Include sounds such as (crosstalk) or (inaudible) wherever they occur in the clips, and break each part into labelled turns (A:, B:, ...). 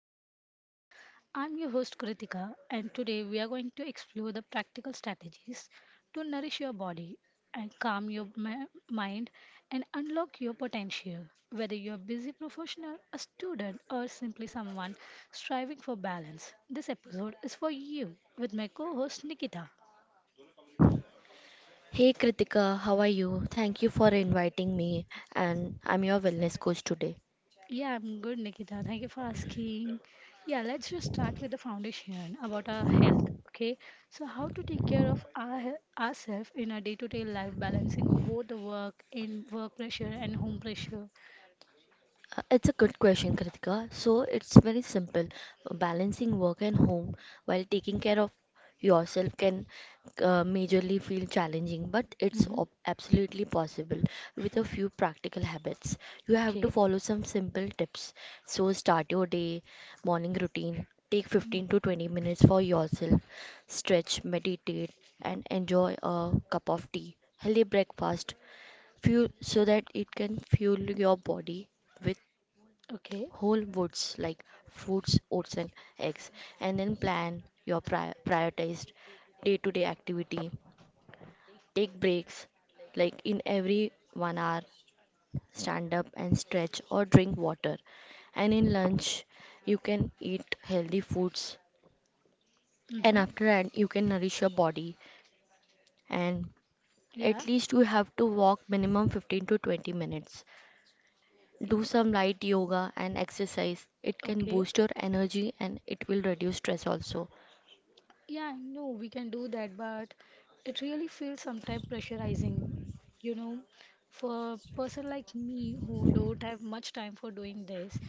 A: self improvement. I'm your host, Kritika, and today we are going to explore the practical strategies to nourish your body and calm your mind and unlock your potential. Whether you're a busy professional, a student, or simply someone striving for balance, this episode is for you with my co host, Nikita.
B: Hey Kritika, how are you? Thank you for inviting me, and I'm your wellness coach today.
A: Yeah, I'm good, Nikita. Thank you for asking. Yeah, let's just start with the foundation about our health. Okay, so how to take care of ourselves in our day-to-day life, balancing both the work in work pressure and home pressure.
B: It's a good question, Kritika. So it's very simple. Balancing work and home while taking care of yourself can majorly feel challenging, but it's
A: Mm-hmm.
B: ob- absolutely possible with a few practical habits. You have to
A: Okay.
B: follow some simple tips. So start your day, morning routine. Take 15
A: Mm.
B: to 20 minutes for yourself. Stretch, meditate, and enjoy a cup of tea. Healthy breakfast fuel so that it can fuel your body with whole foods
A: Okay.
B: like fruits, oats and eggs. And then plan your prioritized day-to-day activity, take breaks like in every 1 hour, stand up and stretch or drink water. And in lunch you can eat healthy foods, and
A: Mm-hmm.
B: after that you can nourish your body. And
A: Yeah.
B: at least you have to walk minimum 15 to 20 minutes. Do some light yoga and exercise. It can
A: Okay.
B: boost your energy and it will reduce stress also.
A: Yeah, I know we can do that, but it really feels sometimes pressurizing, you know, for a person like me who don't have much time for doing this.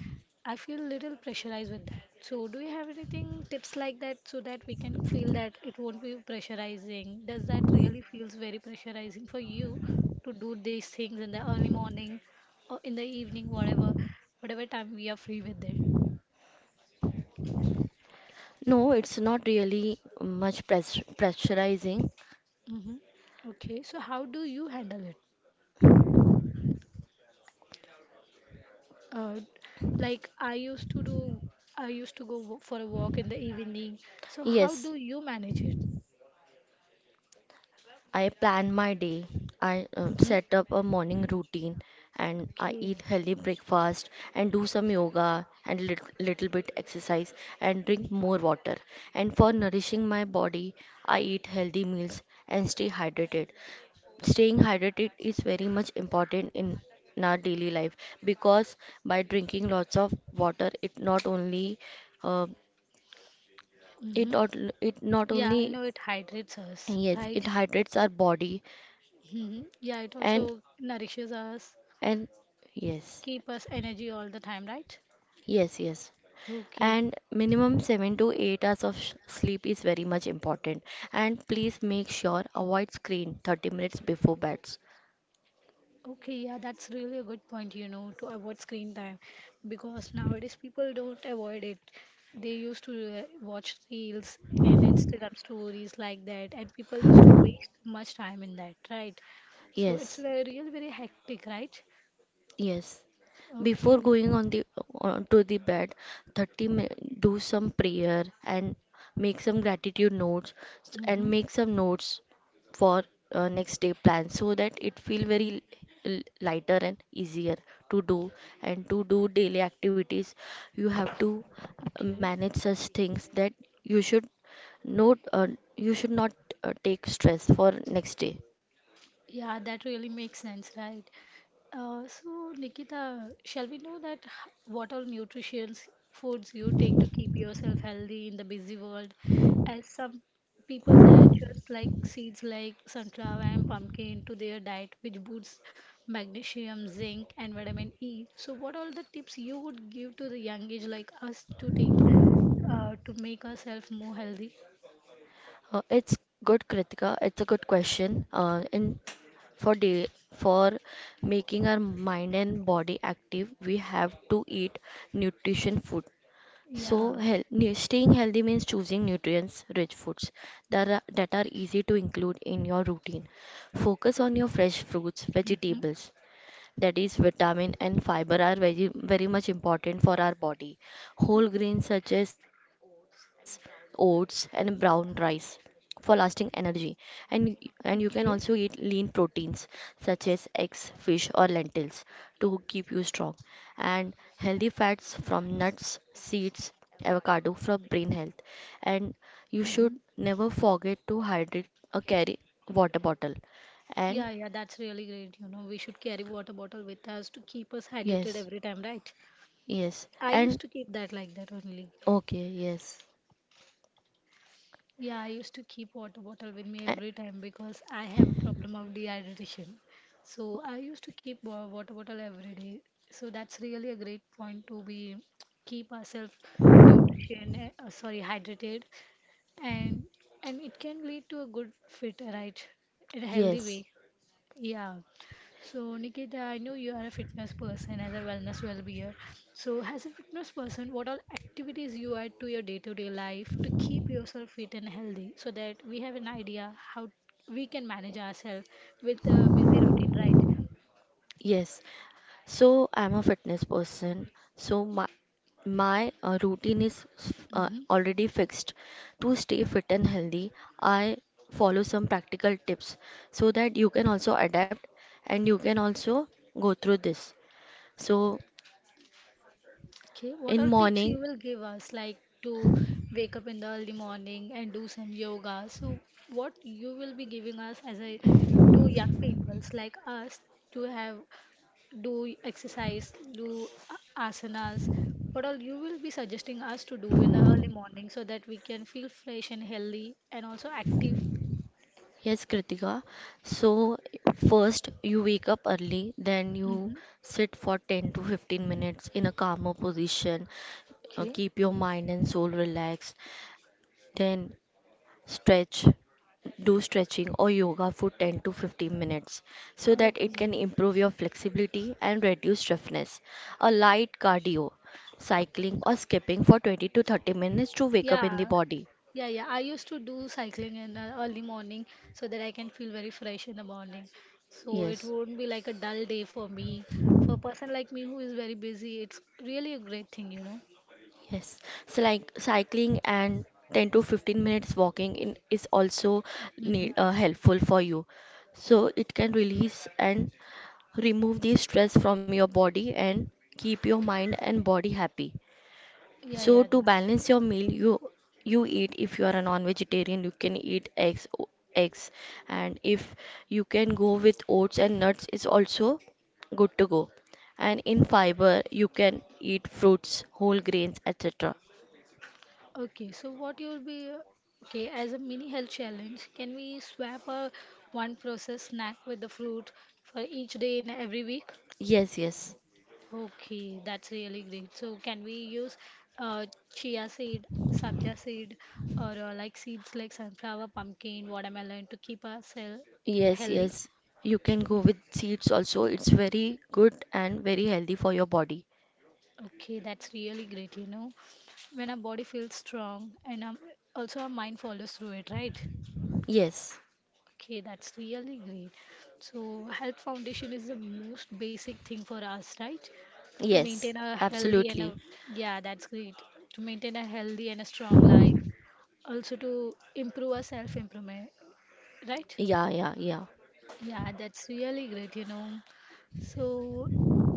A: I feel little pressurized with that. So, do you have anything tips like that so that we can feel that it won't be pressurizing? Does that really feels very pressurizing for you to do these things in the early morning or in the evening, whatever time we are free with it?
B: No, it's not really much pressurizing.
A: Mm-hmm. Okay, so how do you handle it? Uh, like I used to do, I used to for a walk in the evening. So how
B: Yes,
A: do you manage it?
B: I plan my day. I
A: Mm-hmm.
B: set up a morning routine and I eat
A: Okay.
B: healthy breakfast and do some yoga and little bit exercise and drink more water. And for nourishing my body, I eat healthy meals and stay hydrated. Staying hydrated is very much important in our daily life, because by drinking lots of water, it not only uh, it
A: Mm-hmm.
B: not it not
A: Yeah, I
B: only
A: know it hydrates us,
B: yes
A: right?
B: it hydrates our body.
A: Mm-hmm. Yeah, it
B: and
A: also nourishes us,
B: and yes.
A: keep us energy all the time, right?
B: Yes, yes.
A: Okay.
B: And minimum 7 to 8 hours of sleep is very much important, and please make sure avoid screen 30 minutes before beds.
A: Okay, yeah, that's really a good point, you know, to avoid screen time because nowadays people don't avoid it. They used to watch reels and Instagram stories like that, and people used to waste much time in that, right? So it's
B: Yes.
A: very hectic, right?
B: Yes. Before
A: Okay.
B: going on the On to the bed, 30 minutes do some prayer and make some gratitude notes, and
A: Mm-hmm.
B: make some notes for next day plan so that it feel very
A: Okay.
B: lighter and easier to do. And to do daily activities you have to
A: Okay.
B: manage such things that you should not uh, you should not take stress for next day.
A: Yeah, that really makes sense, right? So, Nikita, shall we know what all nutritious foods you take to keep yourself healthy in the busy world? As some people add just like seeds like sunflower and pumpkin to their diet, which boosts magnesium, zinc, and vitamin E. So, what all the tips you would give to the young age like us to take to make ourselves more healthy?
B: It's good, Kritika. It's a good question. In For day, for making our mind and body active, we have to eat nutrition food. So,
A: Yeah.
B: staying healthy means choosing nutrients-rich foods that are easy to include in your routine. Focus on your fresh fruits,
A: Hmm.
B: vegetables, that is vitamin and fiber are very very much important for our body. Whole grains such as oats and brown rice for lasting energy, and you- and you can also eat
A: Okay.
B: lean proteins such as eggs, fish or lentils to keep you strong, and healthy fats from nuts, seeds, avocado for brain health. And you should
A: Hmm.
B: never forget to hydrate or carry water bottle. And
A: Yeah, yeah, that's really great. You know, we should carry water bottle with us to keep us hydrated
B: yes.
A: every time, right?
B: Yes
A: I used
B: and
A: to keep that like that only.
B: okay, yes.
A: Yeah, I used to keep water bottle with me
B: A-.
A: every time because I have a problem of dehydration. So I used to keep water bottle every day. So that's really a great point to be keep ourselves hydrated, and it can lead to a good fit, right? In a healthy
B: Yes,
A: way. Yeah. So, Nikita, I know you are a fitness person as a wellness well-being. So, as a fitness person, what all activities you add to your day-to-day life to keep yourself fit and healthy so that we have an idea how we can manage ourselves with a busy routine, right?
B: yes. So I'm a fitness person. So my routine is
A: Mm-hmm.
B: already fixed. To stay fit and healthy, I follow some practical tips so that you can also adapt and you can also go through this. So
A: Okay, what
B: in
A: are tips
B: morning,
A: you will give us, like to wake up in the early morning and do some yoga? So, what you will be giving us as a to young peoples like us to have do exercise, do asanas? What all you will be suggesting us to do in the early morning so that we can feel fresh and healthy and also active?
B: yes, Kritika. So first you wake up early, then you
A: Mm-hmm.
B: sit for 10 to 15 minutes in a calmer position. Uh,
A: Okay.
B: keep your mind and soul relaxed. Then stretch, do stretching or yoga for 10 to 15 minutes so that it
A: Okay.
B: can improve your flexibility and reduce stiffness. A light cardio, cycling or skipping for 20 to 30 minutes to wake up in the
A: Yeah,
B: body.
A: yeah, yeah. I used to do cycling in early morning so that I can feel very fresh in the morning. So it
B: Yes,
A: won't be like a dull day for me. For a person like me who is very busy, it's really a great thing, you know.
B: yes. So like cycling and 10 to 15 minutes walking in is also
A: Mm-hmm.
B: need, helpful for you. So it can release and remove the stress from your body and keep your mind and body happy.
A: Yeah,
B: So
A: yeah,
B: to
A: that's
B: balance your meal, you eat if you are a non-vegetarian you can eat eggs, and if you can go with oats and nuts is also good to go. And in fiber you can eat fruits, whole grains etc.
A: okay. So what you'll be okay as a mini health challenge, can we swap a one processed snack with the fruit for each day in every week?
B: Yes, yes,
A: Okay, that's really great. So can we use uh, chia seed, sabja seed, or like seeds like sunflower, pumpkin, watermelon to keep ourselves
B: yes,
A: healthy?
B: yes, you can go
A: Okay.
B: with seeds also, it's very good and very healthy for your body.
A: Okay, that's really great, you know. When our body feels strong and also our mind follows through it, right?
B: Yes,
A: Okay, that's really great. So health foundation is the most basic thing for us, right? To
B: yes,
A: maintain a healthy and
B: absolutely.
A: a yeah, that's great. To maintain a healthy and a strong life. Also to improve our self improvement, right?
B: Yeah, yeah, yeah.
A: Yeah, that's really great, you know. So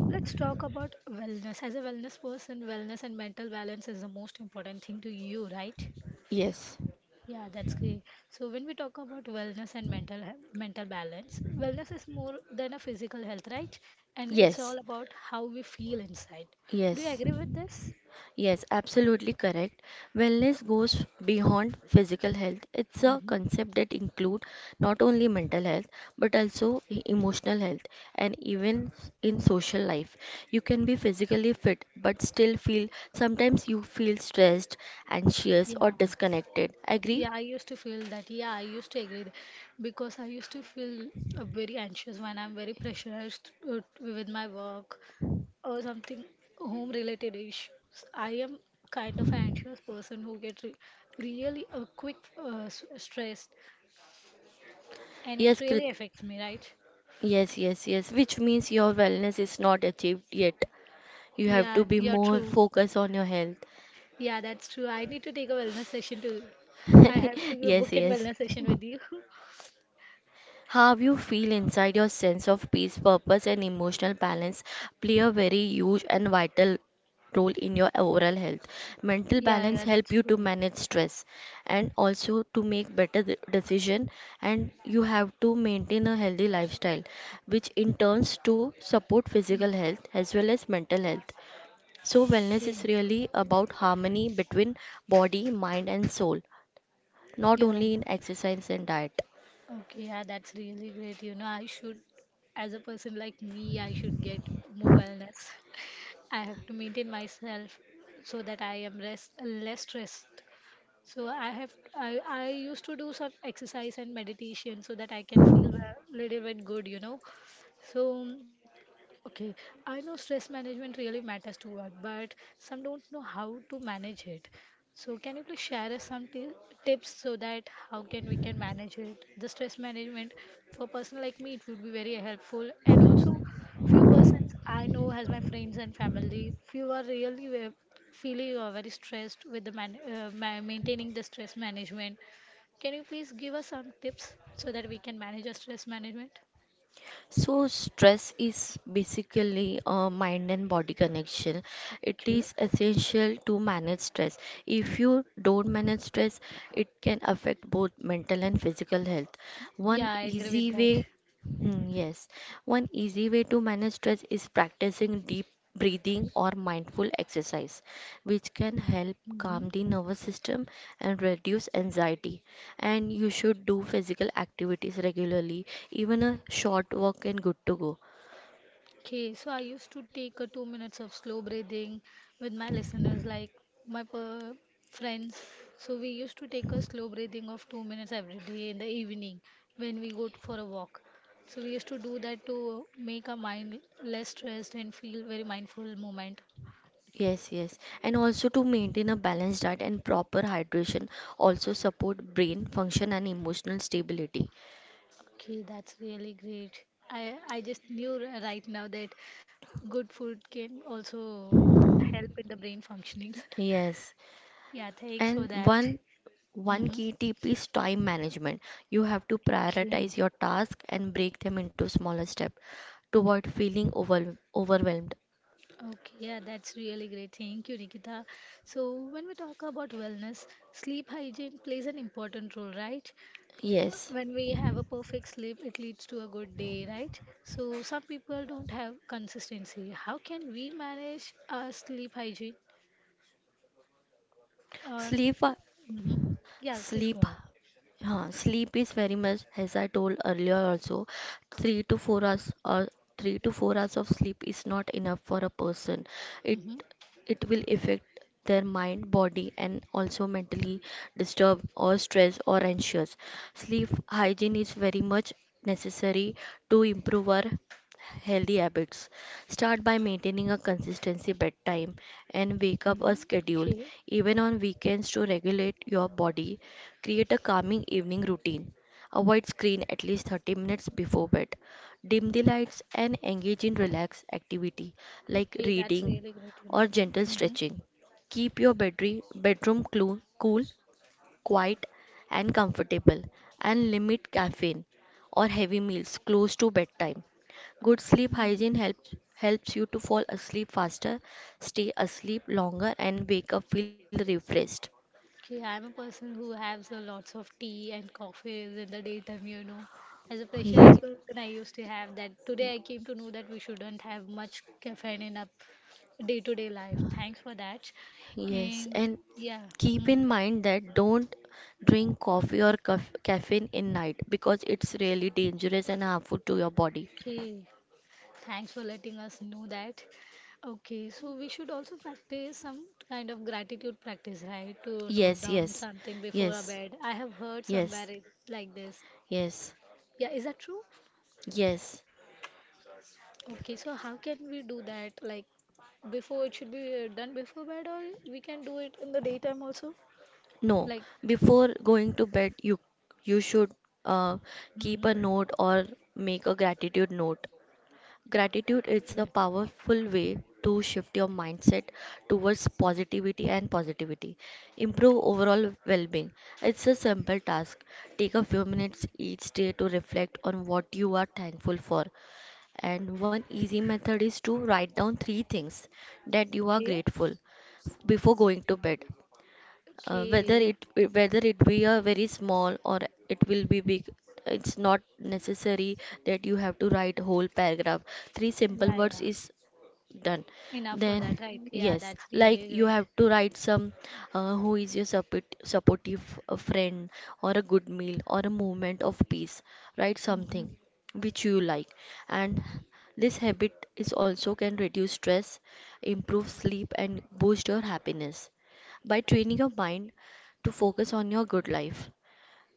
A: let's talk about wellness. As a wellness person, wellness and mental balance is the most important thing to you, right?
B: Yes,
A: Yeah, that's great. So when we talk about wellness and mental mental balance, wellness is more than a physical health, right? And it's all
B: yes,
A: about how we feel inside. Do you
B: yes,
A: agree with this?
B: yes, absolutely correct. Wellness goes beyond physical health. It's a
A: Hmm.
B: concept that includes not only mental health, but also emotional health and even in social life. You can be physically fit but still feel sometimes you feel stressed, anxious,
A: Yeah.
B: or disconnected. Agree?
A: Yeah, I used to feel that. Yeah, I used to because I used to feel very anxious when I'm very pressurized with my work or something home related issues. I am kind of an anxious person who gets re really quick stressed and it
B: Yes, Krit.
A: really affects me, right?
B: Yes, yes, yes, which means your wellness is not achieved yet. You have to
A: Yeah,
B: be
A: you're
B: more
A: true.
B: focused on your health.
A: Yeah, that's true. I need to take a wellness session too. I have
B: (laughs)
A: to
B: Yes,
A: book in
B: yes.
A: wellness session with you. (laughs)
B: How you feel inside, your sense of peace, purpose, and emotional balance play a very huge and vital role in your overall health. Mental
A: Yeah,
B: balance
A: yeah, that's
B: help you
A: true.
B: to manage stress and also to make better decision, and you have to maintain a healthy lifestyle which in turns to support
A: Hmm.
B: physical health as well as mental health. So wellness
A: Okay.
B: is really about harmony between body, mind and soul, not
A: Yeah.
B: only in exercise and diet.
A: Okay, yeah, that's really great. As a person like me, I should get more wellness. (laughs) I have to maintain myself so that I am rest less stressed. So I used to do some exercise and meditation so that I can feel a little bit good, you know. So okay, I know stress management really matters to us, but some don't know how to manage it. So can you please share us some t tips so that how can we can manage it? The stress management for person like me it would be very helpful and also few persons I know as my friends and family few are feeling very stressed with the maintaining the stress management. Can you please give us some tips so that we can manage our stress management?
B: So, stress is basically a mind and body connection. It
A: Okay.
B: is essential to manage stress. If you don't manage stress, it can affect both mental and physical health.
A: Yeah,
B: One
A: I agree with
B: easy
A: that.
B: way. Hmm, yes, one easy way to manage stress is practicing deep breathing or mindful exercise, which can help calm
A: Hmm.
B: the nervous system and reduce anxiety. And you should do physical activities regularly. Even a short walk and good to go.
A: Okay, so I used to take a 2 minutes of slow breathing with my listeners, like my per friends. So we used to take a slow breathing of 2 minutes every day in the evening when we go for a walk. So we used to do that to make our mind less stressed and feel very mindful moment.
B: Yes, yes. And also to maintain a balanced diet and proper hydration also support brain function and emotional stability.
A: Okay, that's really great. I just knew right now that good food can also help in the brain functionings. (laughs)
B: Yes.
A: Yeah, thanks for
B: And
A: that.
B: one
A: Mm-hmm.
B: key tip is time management. You have to
A: Okay.
B: prioritize your tasks and break them into smaller steps to avoid feeling overwhelmed.
A: Okay, yeah, that's really great. Thank you, Nikita. So, when we talk about wellness, sleep hygiene plays an important role, right? Yes.
B: Yes.
A: When we have a perfect sleep, it leads to a good day, right? So, some people don't have consistency. How can we manage our sleep hygiene? Or,
B: Sleep
A: mm-hmm. Yeah, please go
B: sleep.
A: ahead.
B: Yeah, sleep is very much, as I told earlier also, three to four hours or 3 to 4 hours of sleep is not enough for a person. It
A: Mm-hmm.
B: it will affect their mind, body, and also mentally disturbed or stressed or anxious. Sleep hygiene is very much necessary to improve our healthy habits. Start by maintaining a consistency bedtime and wake up a
A: Mm-hmm.
B: schedule,
A: Okay.
B: even on weekends, to regulate your body. Create a calming evening routine. Avoid screen at least 30 minutes before bed. Dim the lights and engage in relaxed activity like
A: Okay, that's
B: reading
A: really great, you
B: or gentle
A: know.
B: stretching. Keep your bedroom cool, quiet and comfortable, and limit caffeine or heavy meals close to bedtime. Good
A: Okay.
B: sleep hygiene helps you to fall asleep faster, stay asleep longer, and wake up feel refreshed.
A: Okay, I'm a person who has a lots of tea and coffees in the daytime, you know. As a pressurized
B: (laughs)
A: person, I used to have that. Today, I came to know that we shouldn't have much caffeine in our day-to-day life. Thanks for that.
B: Yes,
A: And
B: and
A: yeah,
B: keep
A: mhm.
B: in mind that don't drink coffee or caffeine in night because it's really dangerous and harmful to your body.
A: Okay. Thanks for letting us know that. Okay, so we should also practice some kind of gratitude practice, right? To note
B: Yes,
A: down
B: yes,
A: something before a
B: yes,
A: bed. I have heard
B: yes,
A: somewhere it, like this.
B: yes,
A: Yeah, is that true?
B: yes.
A: Okay, so how can we do that? Like before, it should be done before bed, or we can do it in the daytime also?
B: No,
A: Like,
B: before going to bed, you should uh, keep
A: hmm
B: a note or make a gratitude note. Gratitude
A: okay.
B: is a powerful way to shift your mindset towards positivity and positivity. Improve overall well-being. It's a simple task. Take a few minutes each day to reflect on what you are thankful for. And one easy method is to write down three things that you are
A: Okay.
B: grateful before going to bed, whether
A: Okay.
B: whether it be a very small or it will be big. It's not necessary that you have to write whole paragraph, three simple
A: Yeah,
B: words
A: yeah.
B: is done.
A: Enough for
B: Then
A: that, right? Yeah,
B: yes,
A: that's
B: like
A: really
B: you
A: great.
B: have to write some who is your supportive friend or a good meal or a moment of peace. Write
A: Mm-hmm.
B: something which you like. And this habit is also can reduce stress, improve sleep and boost your happiness by training your mind to focus on your good life.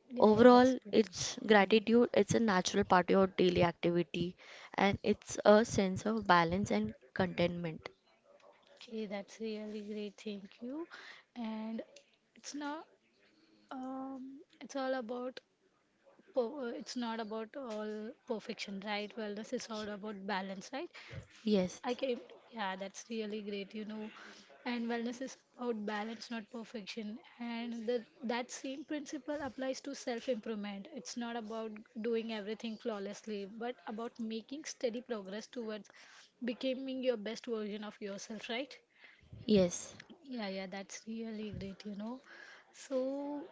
A: Yeah, yeah, that's
B: Overall,
A: really
B: it's
A: real.
B: gratitude, it's a natural part of your daily activity, and it's a sense of balance and contentment.
A: Okay, that's really great. Thank you. And it's not, it's all about, per- it's not about all perfection, right? Wellness is all about balance, right?
B: Yes,
A: I can, yeah, that's really great, you know. And wellness is about balance, not perfection. That same principle applies to self improvement. It's not about doing everything flawlessly, but about making steady progress towards becoming your best version of yourself, right?
B: yes,
A: Yeah, yeah, that's really great, you know. So,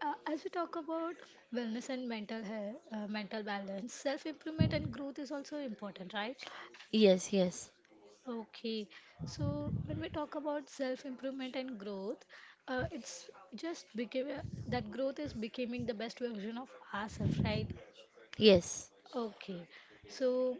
A: as we talk about wellness and mental health, mental balance, self improvement and growth is also important, right?
B: yes, yes,
A: Okay, so when we talk about self-improvement and growth, it's just became that growth is becoming the best version of ourselves, right?
B: yes.
A: Okay, so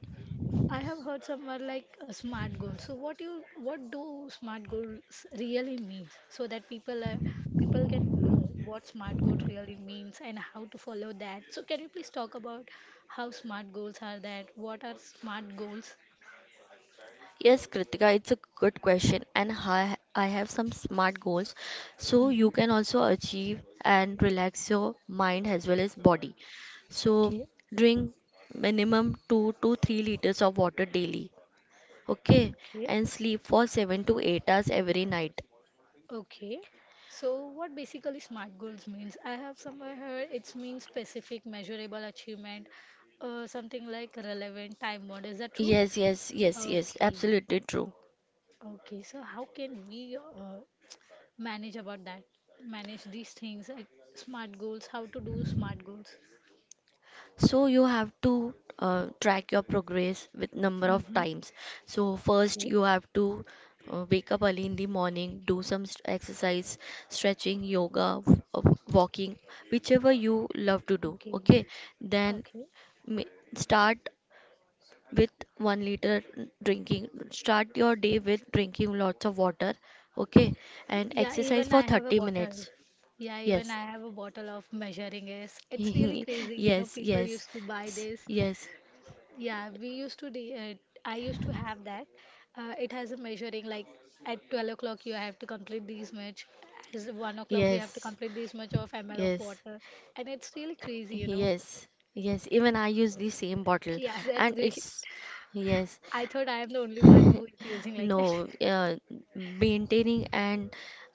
A: I have heard somewhere like a smart goal. So what do smart goals really means? So that people can know what smart goal really means and how to follow that. So can you please talk about how smart goals are that? What are smart goals?
B: Yes, Kritika, it's a good question, and I have some smart goals so
A: Mm-hmm.
B: you can also achieve and relax your mind as well as body. So,
A: Okay.
B: drink minimum 2 to 3 liters of water daily, okay,
A: Okay.
B: and sleep for 7 to 8 hours every night.
A: Okay. So what basically SMART goals means? I have somewhere heard it means specific, measurable, achievement, something like relevant, time bound. Is that true?
B: Yes, yes, yes, yes,
A: Okay.
B: absolutely true.
A: Okay. So how can we manage about that? Manage these things like SMART goals, how to do SMART goals?
B: So you have to track your progress with number of
A: Mm-hmm.
B: times. So first
A: Okay.
B: you have to wake up early in the morning, do some exercise, stretching, yoga, walking, whichever you love to do.
A: Okay.
B: Okay, then
A: Okay.
B: ma- start with 1 liter drinking. Start your day with drinking lots of water. Okay, and
A: Yeah,
B: exercise
A: even
B: for
A: I have a
B: 30
A: bottle.
B: minutes.
A: Yeah, even
B: Yes.
A: I have a bottle of measuring is. It's really
B: (laughs)
A: crazy, you know.
B: Yes,
A: People
B: yes,
A: used to buy this.
B: yes,
A: Yeah, we used to. De I used to have that. It has a measuring like at 12 o'clock you have to complete this much. As 1 o'clock we have to
B: yes,
A: complete this much of ml of
B: yes,
A: water, and it's really crazy, you know.
B: yes, yes. Even I use the same bottle,
A: Yeah, (laughs) that's
B: and
A: great.
B: it's yes.
A: I thought I am the only one who is using
B: (laughs)
A: like that. (laughs)
B: No, maintaining and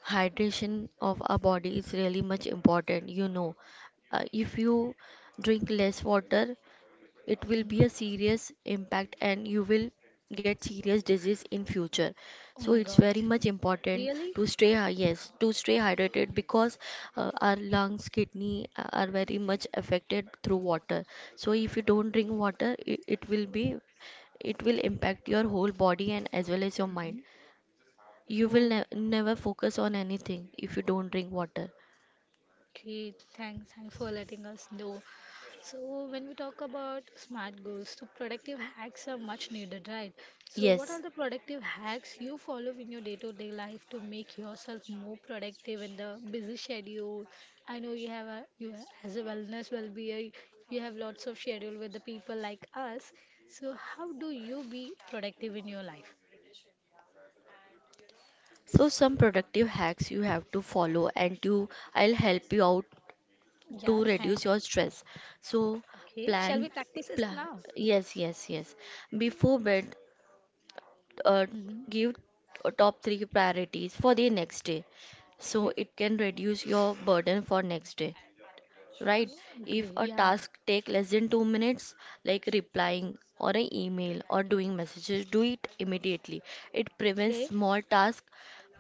B: hydration of our body is really much important. If you drink less water, it will
A: Hmm.
B: be a serious impact, and you will get serious disease in future,
A: Oh
B: so
A: my
B: it's
A: god.
B: very much important
A: Really?
B: to yes, to stay hydrated, because our lungs, kidney are very much affected through water. So if you don't drink water, it will be it will impact your whole body and as well as your
A: Mhm.
B: mind. You will
A: Oh.
B: never focus on anything if you don't drink water.
A: Okay, thanks, thanks for letting us know. So, when we talk about smart goals, so productive hacks are much needed, right? So, what are
B: Yes.
A: the productive hacks you follow in your day-to-day life to make yourself more productive in the busy schedule? I know you have a as a wellness well-being, you have lots of schedule with the people like us. So, how do you be productive in your life?
B: So some productive hacks you have to follow, and to I'll help you out
A: Yeah,
B: to
A: thanks.
B: reduce your stress. So
A: Okay, shall we
B: plant,
A: practice this
B: pla-
A: now?
B: yes, yes, yes. Before bed, uh,
A: Mm-hmm.
B: give top three priorities for the next day. So
A: Okay.
B: it can reduce your burden for next day, right?
A: Oh,
B: If
A: okay,
B: a
A: yeah.
B: task take less than 2 minutes, like replying or an email or doing messages, do it immediately. It prevents
A: Okay,
B: small tasks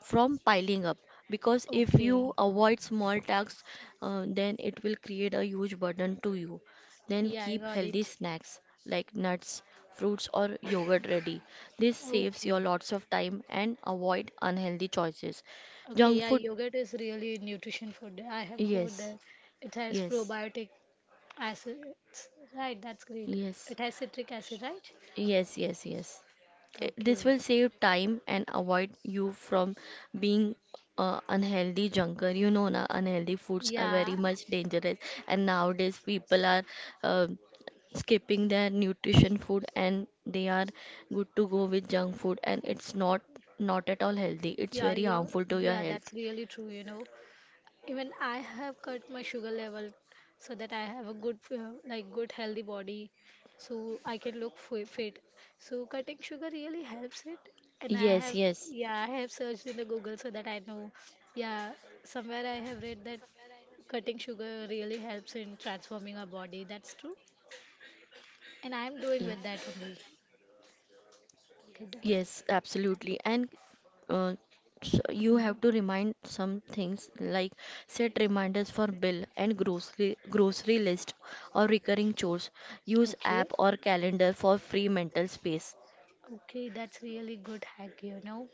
B: from piling up, because if you
A: okay.
B: avoid small tasks, then it will create a huge burden to you. Then
A: Yeah, I
B: keep
A: got
B: healthy
A: it.
B: snacks like nuts, fruits, or yogurt ready. This saves you
A: Okay.
B: lots of time and avoid unhealthy choices.
A: Okay,
B: Junk
A: yeah,
B: food,
A: yogurt is really nutrition food. I have heard
B: yes,
A: that it has
B: yes,
A: probiotic acids. Right, that's great.
B: yes.
A: It has citric acid, right?
B: Yes, yes, yes.
A: Okay.
B: This will save time and avoid you from being unhealthy junker. You know, na unhealthy foods are
A: Yeah,
B: very much dangerous, and nowadays people are uh, skipping their nutrition food, and they are good to go with junk food, and it's not, not at all healthy. It's
A: Yeah,
B: very
A: you
B: harmful to your
A: yeah, that's
B: health.
A: really true, you know. Even I have cut my sugar level so that I have a good like good healthy body so I can look fit. So cutting sugar really helps it and I
B: Yes,
A: have
B: yes,
A: yeah, I have searched in the Google so that I know. Yeah, somewhere I have read that cutting sugar really helps in transforming our body. That's true. And
B: yes.
A: I am doing with that only. Okay,
B: Yes,
A: that's
B: absolutely. And uh, so you have to
A: Mm,
B: remind some things, like set reminders for bill and grocery list, or recurring chores, use
A: okay.
B: app or calendar for free mental space.
A: Okay, that's really good hack, you know.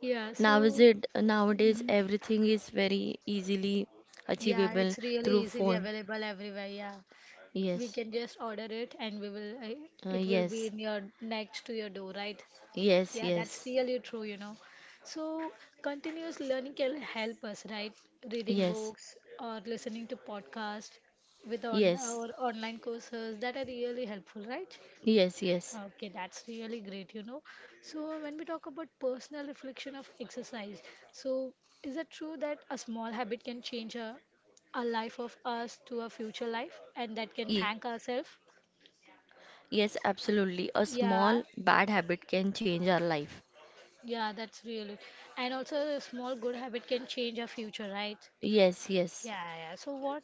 A: Yeah,
B: now is
A: so
B: it nowadays
A: mhm.
B: everything is very easily
A: Yeah,
B: achievable
A: it's really
B: through
A: easily
B: phone.
A: available everywhere. Yeah, we
B: Yes,
A: can just order it and we will it will be
B: yes,
A: in your next to your door, right?
B: yes,
A: Yeah, that's
B: yes.
A: really true, you know. So continuous learning can help us, right? Reading
B: Yes,
A: books or listening to podcasts with on
B: yes,
A: or online courses that are really helpful, right?
B: yes, yes,
A: Okay, that's really great, you know. So, when we talk about personal reflection of exercise, so is it true that a small habit can change a life of us to a future life and that can
B: ye-
A: thank ourselves?
B: yes, absolutely. A
A: Yeah,
B: small bad habit can change our life.
A: yeah, that's really. And also, a small good habit can change our future, right?
B: Yes, yes.
A: Yeah, yeah. So what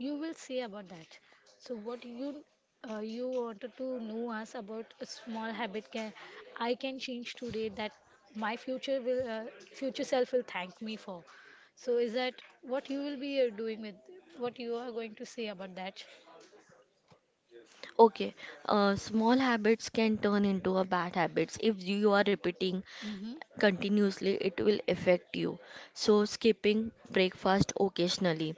A: you will say about that? So what you you wanted to know us about a small habit can I can change today that my future will future self will thank me for. So is that what you will be doing with what you are going to say about that?
B: Okay, small habits can turn into a bad habits if you are repeating
A: Mm-hmm.
B: continuously. It will affect you. So skipping breakfast occasionally.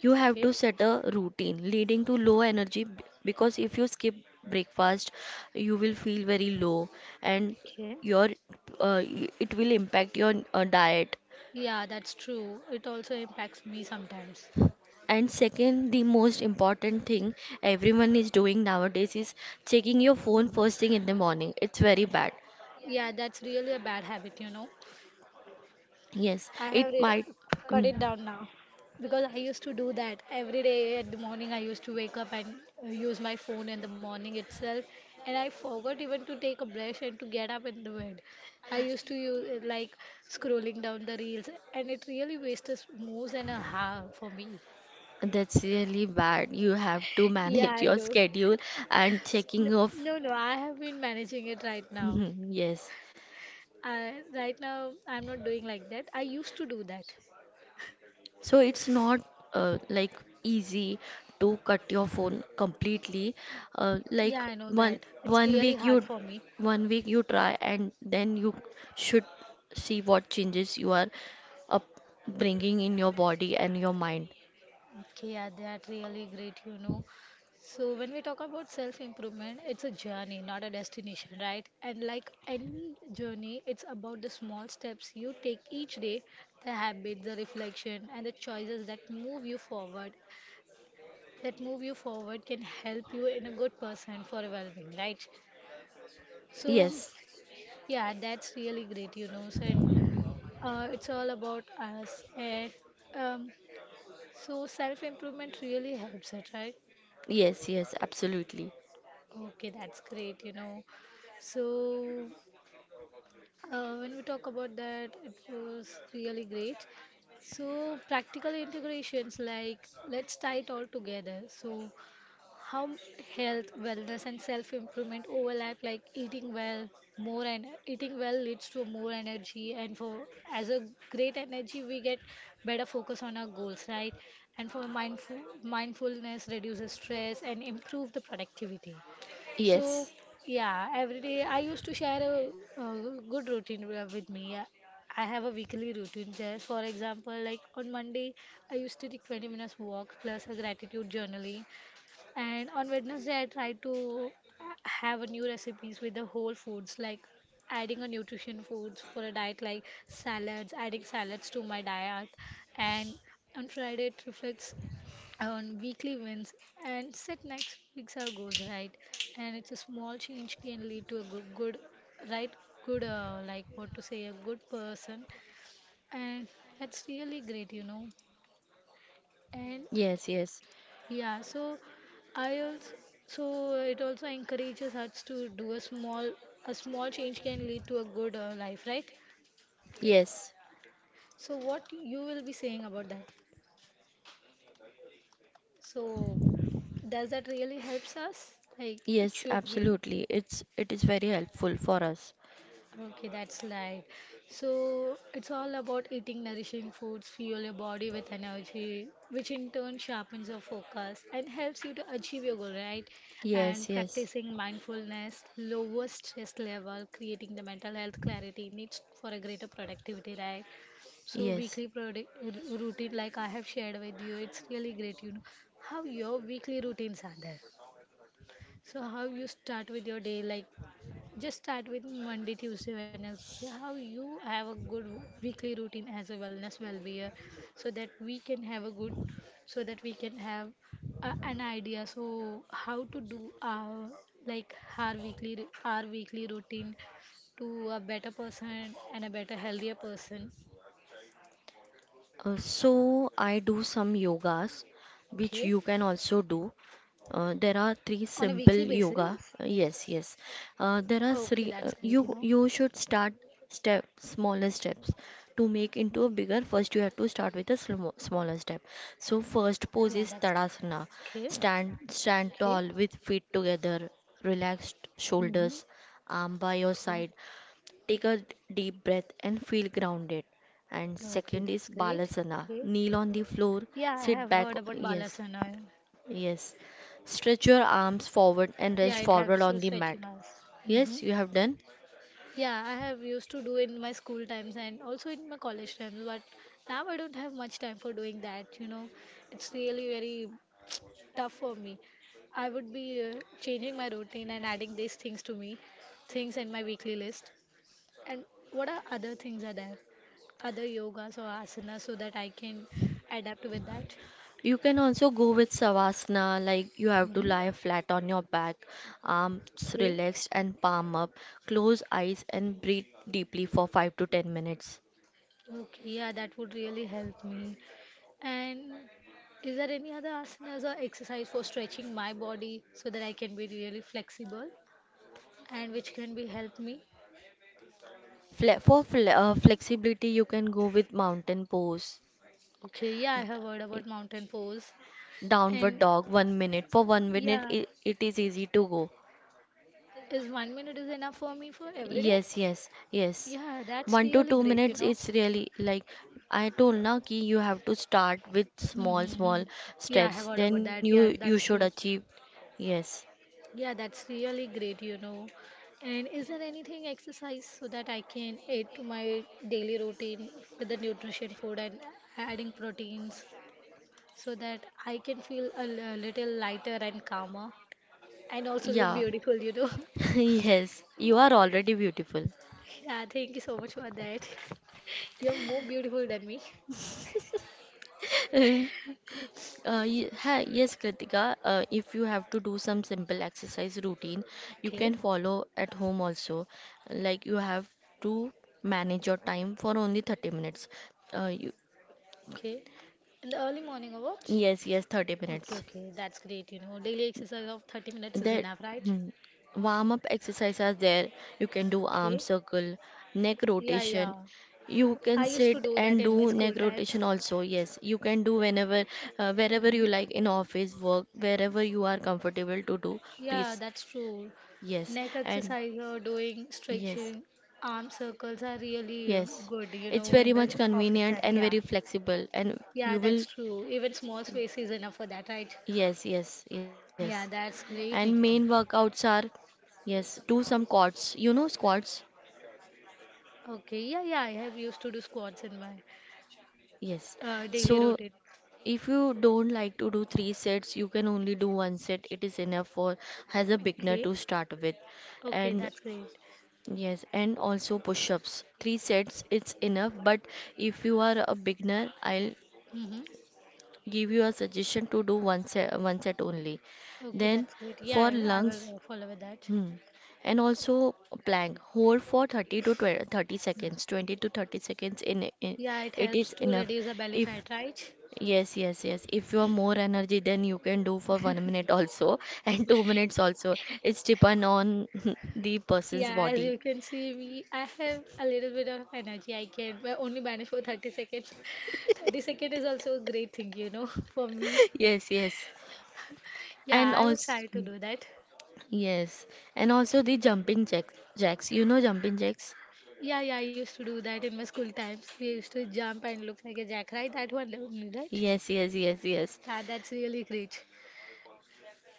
B: You have
A: Okay.
B: to set a routine leading to low energy because if you skip breakfast, you will feel very low, and
A: Okay.
B: your it will impact your diet.
A: Yeah, that's true. It also impacts me sometimes.
B: And second, the most important thing everyone is doing nowadays is checking your phone
A: Mhm.
B: first thing in the morning. It's very bad.
A: Yeah, that's really a bad habit, you know.
B: Yes,
A: I have
B: it
A: re-
B: might.
A: cut
B: Mm,
A: it down now because I used to do that every day at the morning. I used to wake up and use my phone in the morning itself, and I forgot even to take a brush and to get up in the bed. I used to use like scrolling down the reels, and it really wasted more than a half for me.
B: that's really bad. You have to
A: Yeah,
B: manage
A: I
B: your
A: know.
B: schedule and
A: No,
B: checking of.
A: no, I have been managing it right now.
B: Mhm, yes.
A: I, right now, I'm not doing like that. I used to do that.
B: So it's not like easy to cut your phone completely. Like
A: Yeah, I know that. It's really hard for me.
B: 1 week you try, and then you should see what changes you are up bringing in your body and your mind.
A: Okay, yeah, that really great, you know. So when we talk about self-improvement, it's a journey, not a destination, right? And like any journey, it's about the small steps you take each day, the habits, the reflection, and the choices that move you forward. That move you forward can help you in a good person for evolving, right? So
B: Yes.
A: yeah, that's really great, you know. So and, it's all about us, and um, so self-improvement really helps it, right?
B: Yes, yes, absolutely.
A: Okay, that's great, you know. So, when we talk about that, it was really great. So, practical integrations like let's tie it all together. So, how health, wellness, and self-improvement overlap, like eating well, more and eating well leads to more energy, and for as a great energy, we get better focus on our goals, right? And for mindfulness reduces stress and improve the productivity. So,
B: Yes.
A: yeah, every day I used to share a, good routine with me. I have a weekly routine. Just for example, like on Monday, I used to take 20 minutes walk plus a gratitude journaling, and on Wednesday I try to have a new recipes with the whole foods like adding a nutrition foods for a diet like salads, adding salads to my diet, and on Friday it reflects on weekly wins and set next week's our goals, right, and it's a small change can lead to a good, right good like what to say a good person, and that's really great, you know, and
B: Yes, yes.
A: yeah so I also so it also encourages us to do a small change can lead to a good life, right,
B: Yes,
A: so what you will be saying about that, so does that really helps us like it
B: yes,
A: should be.
B: absolutely. It is very helpful for us.
A: Okay, that's right. So it's all about eating nourishing foods, fuel your body with energy, which in turn sharpens your focus and helps you to achieve your goal, right? And
B: Yes, yes,
A: practicing mindfulness lowers stress level, creating the mental health clarity needs for a greater productivity, right? So
B: yes.
A: weekly routine, like I have shared with you, it's really great. You know how your weekly routines are there. So how you start with your day, like just start with Monday, Tuesday, Wednesday. How you have a good weekly routine as a wellness well-being, so that we can have so that we can have a, an idea. So how to do our like our weekly our weekly routine to a better person and a better healthier person.
B: So I do some yogas, which
A: Okay,
B: you can also do. There are three
A: on a
B: simple
A: weekly
B: yoga.
A: basis.
B: Yes, yes.
A: Okay, that's
B: There are
A: great. You know,
B: three. You should start step smaller steps to make into a bigger. First, you have to start with a smaller step. So first
A: yeah,
B: pose
A: that's
B: is Tadasana.
A: great. Okay,
B: Stand
A: okay.
B: tall with feet together, relaxed
A: Mm-hmm.
B: shoulders, arm by your
A: Okay.
B: side. Take a deep breath and feel grounded. And
A: Okay,
B: second is
A: that's great.
B: Balasana.
A: Okay.
B: Kneel on the floor,
A: Yeah, I have
B: sit back.
A: heard about
B: Yes.
A: Balasana.
B: Yes. Stretch your arms forward and
A: Yeah,
B: rest
A: it
B: forward
A: helps to
B: on the mat.
A: stretching us. Hmm.
B: Yes, you have done.
A: Yeah, I have used to do in my school times and also in my college times, but now I don't have much time for doing that, you know. It's really very tough for me. I would be changing my routine and adding these things to me, things in my weekly list. And what are other things are there? Other yogas or asanas so that I can adapt with that?
B: You can also go with Savasana, like you have to
A: Mm-hmm.
B: lie flat on your back, arms
A: Okay.
B: relaxed and palm up. Close eyes and breathe deeply for 5 to 10 minutes.
A: Okay, yeah, that would really help me. And is there any other asanas or exercise for stretching my body so that I can be really flexible and which can be help me?
B: Fle for fle flexibility, you can go with mountain pose,
A: Okay, yeah, I have heard about mountain pose. And
B: downward dog, 1 minute. For 1 minute,
A: yeah,
B: it is easy to go.
A: is 1 minute is enough for me for every day?
B: Yes, yes, yes.
A: Yeah, that's
B: One to
A: really
B: two
A: great, you
B: minutes,
A: know.
B: is really like I told now ki you have to start with small,
A: Mm-hmm. Hmm.
B: small
A: Yeah, I have
B: steps.
A: heard
B: Then
A: about that.
B: you
A: Yeah,
B: you should
A: that's true.
B: achieve. Yes.
A: Yeah, that's really great, you know. And is there anything exercise so that I can add to my daily routine with the nutrition food and adding proteins so that I can feel a little lighter and calmer and also look
B: Yeah.
A: beautiful, you know? (laughs)
B: (laughs) Yes. You are already beautiful.
A: Yeah, thank you so much for that. You're more beautiful than me.
B: (laughs) Hi, yes, Kritika. If you have to do some simple exercise routine, you can
A: Okay,
B: follow at home also. Like you have to manage your time for only 30 minutes. Uh, you,
A: okay. In the early morning or what?
B: yes, yes, 30
A: Okay,
B: minutes.
A: okay, that's great, you know. Daily exercise of 30 minutes is
B: That
A: enough, right?
B: hmm, warm up exercise are there. You can do arm
A: Okay.
B: circle, neck
A: Yeah, yeah.
B: rotation. You can
A: I used to
B: sit
A: do that
B: and
A: in my
B: do
A: school
B: neck
A: times.
B: rotation also. Yes, you can do whenever, wherever
A: Hmm.
B: you like, in office, work, wherever you are comfortable to do.
A: Yeah,
B: Please.
A: that's true.
B: Yes.
A: Neck
B: And
A: exercise or doing
B: yes,
A: stretching, arm circles are really
B: yes.
A: good, you
B: It's
A: know, in
B: very
A: the
B: much
A: office
B: convenient
A: time.
B: and
A: Yeah.
B: very flexible. And
A: Yeah,
B: you will,
A: that's true. Even small space is enough for that, right?
B: yes, yes, yes.
A: Yeah, that's great,
B: And
A: Nikita.
B: main workouts are, yes, do some quads. You know squats?
A: Okay, yeah, yeah, I have used to do squats in my
B: Yes.
A: daily
B: So
A: routine.
B: if you don't like to do three sets, you can only do one set. It is enough for as a beginner
A: Okay,
B: to start with.
A: okay,
B: And
A: that's great.
B: yes, and also push-ups. Three sets, it's enough. But if you are a beginner, I'll
A: Mm-hmm.
B: give you a suggestion to do one set only.
A: Okay,
B: Then
A: that's great.
B: for
A: Yeah, I
B: lungs,
A: will follow with that.
B: hmm, and also plank. Hold for 30 to twenty thirty
A: Yeah.
B: seconds, 20 to 30 seconds. In
A: Yeah, it
B: it
A: helps
B: is
A: to
B: enough.
A: reduce the belly
B: If
A: fat, right?
B: Yes, yes, yes. If you are more energy, then you can do for 1 minute
A: (laughs)
B: also (laughs) and 2 minutes also. It's depend on (laughs) the person's
A: Yeah, as
B: body.
A: you
B: (laughs)
A: can see, me, I have a little bit of energy. I can but only manage for 30 seconds. (laughs) 30 second is also a great thing, you know, (laughs) for me.
B: Yes, yes. And
A: Yeah, I will
B: also,
A: try to do that.
B: yes. And also the jumping jack jacks. You know jumping jacks?
A: Yeah, yeah, I used to do that in my school times. We used to jump and look like a jackrabbit. That one, right?
B: Yes, yes, yes, yes.
A: Yeah, that's really great.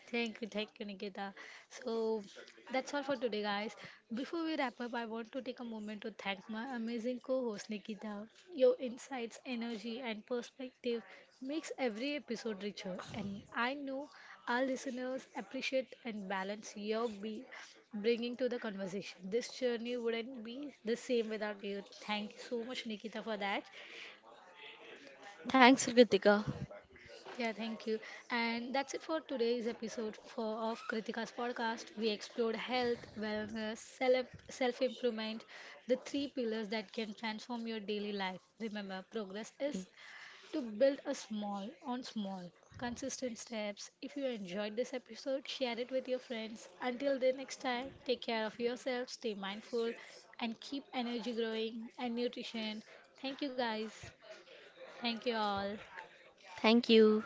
A: Thank you, Nikita. So that's all for today, guys. Before we wrap up, I want to take a moment to thank my amazing co-host Nikita. Your insights, energy, and perspective makes every episode richer, and I know our listeners appreciate and balance your be bringing to the conversation. This journey wouldn't be the same without you. Thank you so much, Nikita, for that.
B: Thanks, Kritika.
A: Yeah, thank you. And that's it for today's episode of Kritika's podcast. We explored health, wellness, self improvement, the three pillars that can transform your daily life. Remember, progress is to build a small on small, consistent steps. If you enjoyed this episode, share it with your friends. Until the next time, take care of yourself, stay mindful, and keep energy growing and nutrition. Thank you, guys. Thank you all.
B: Thank you.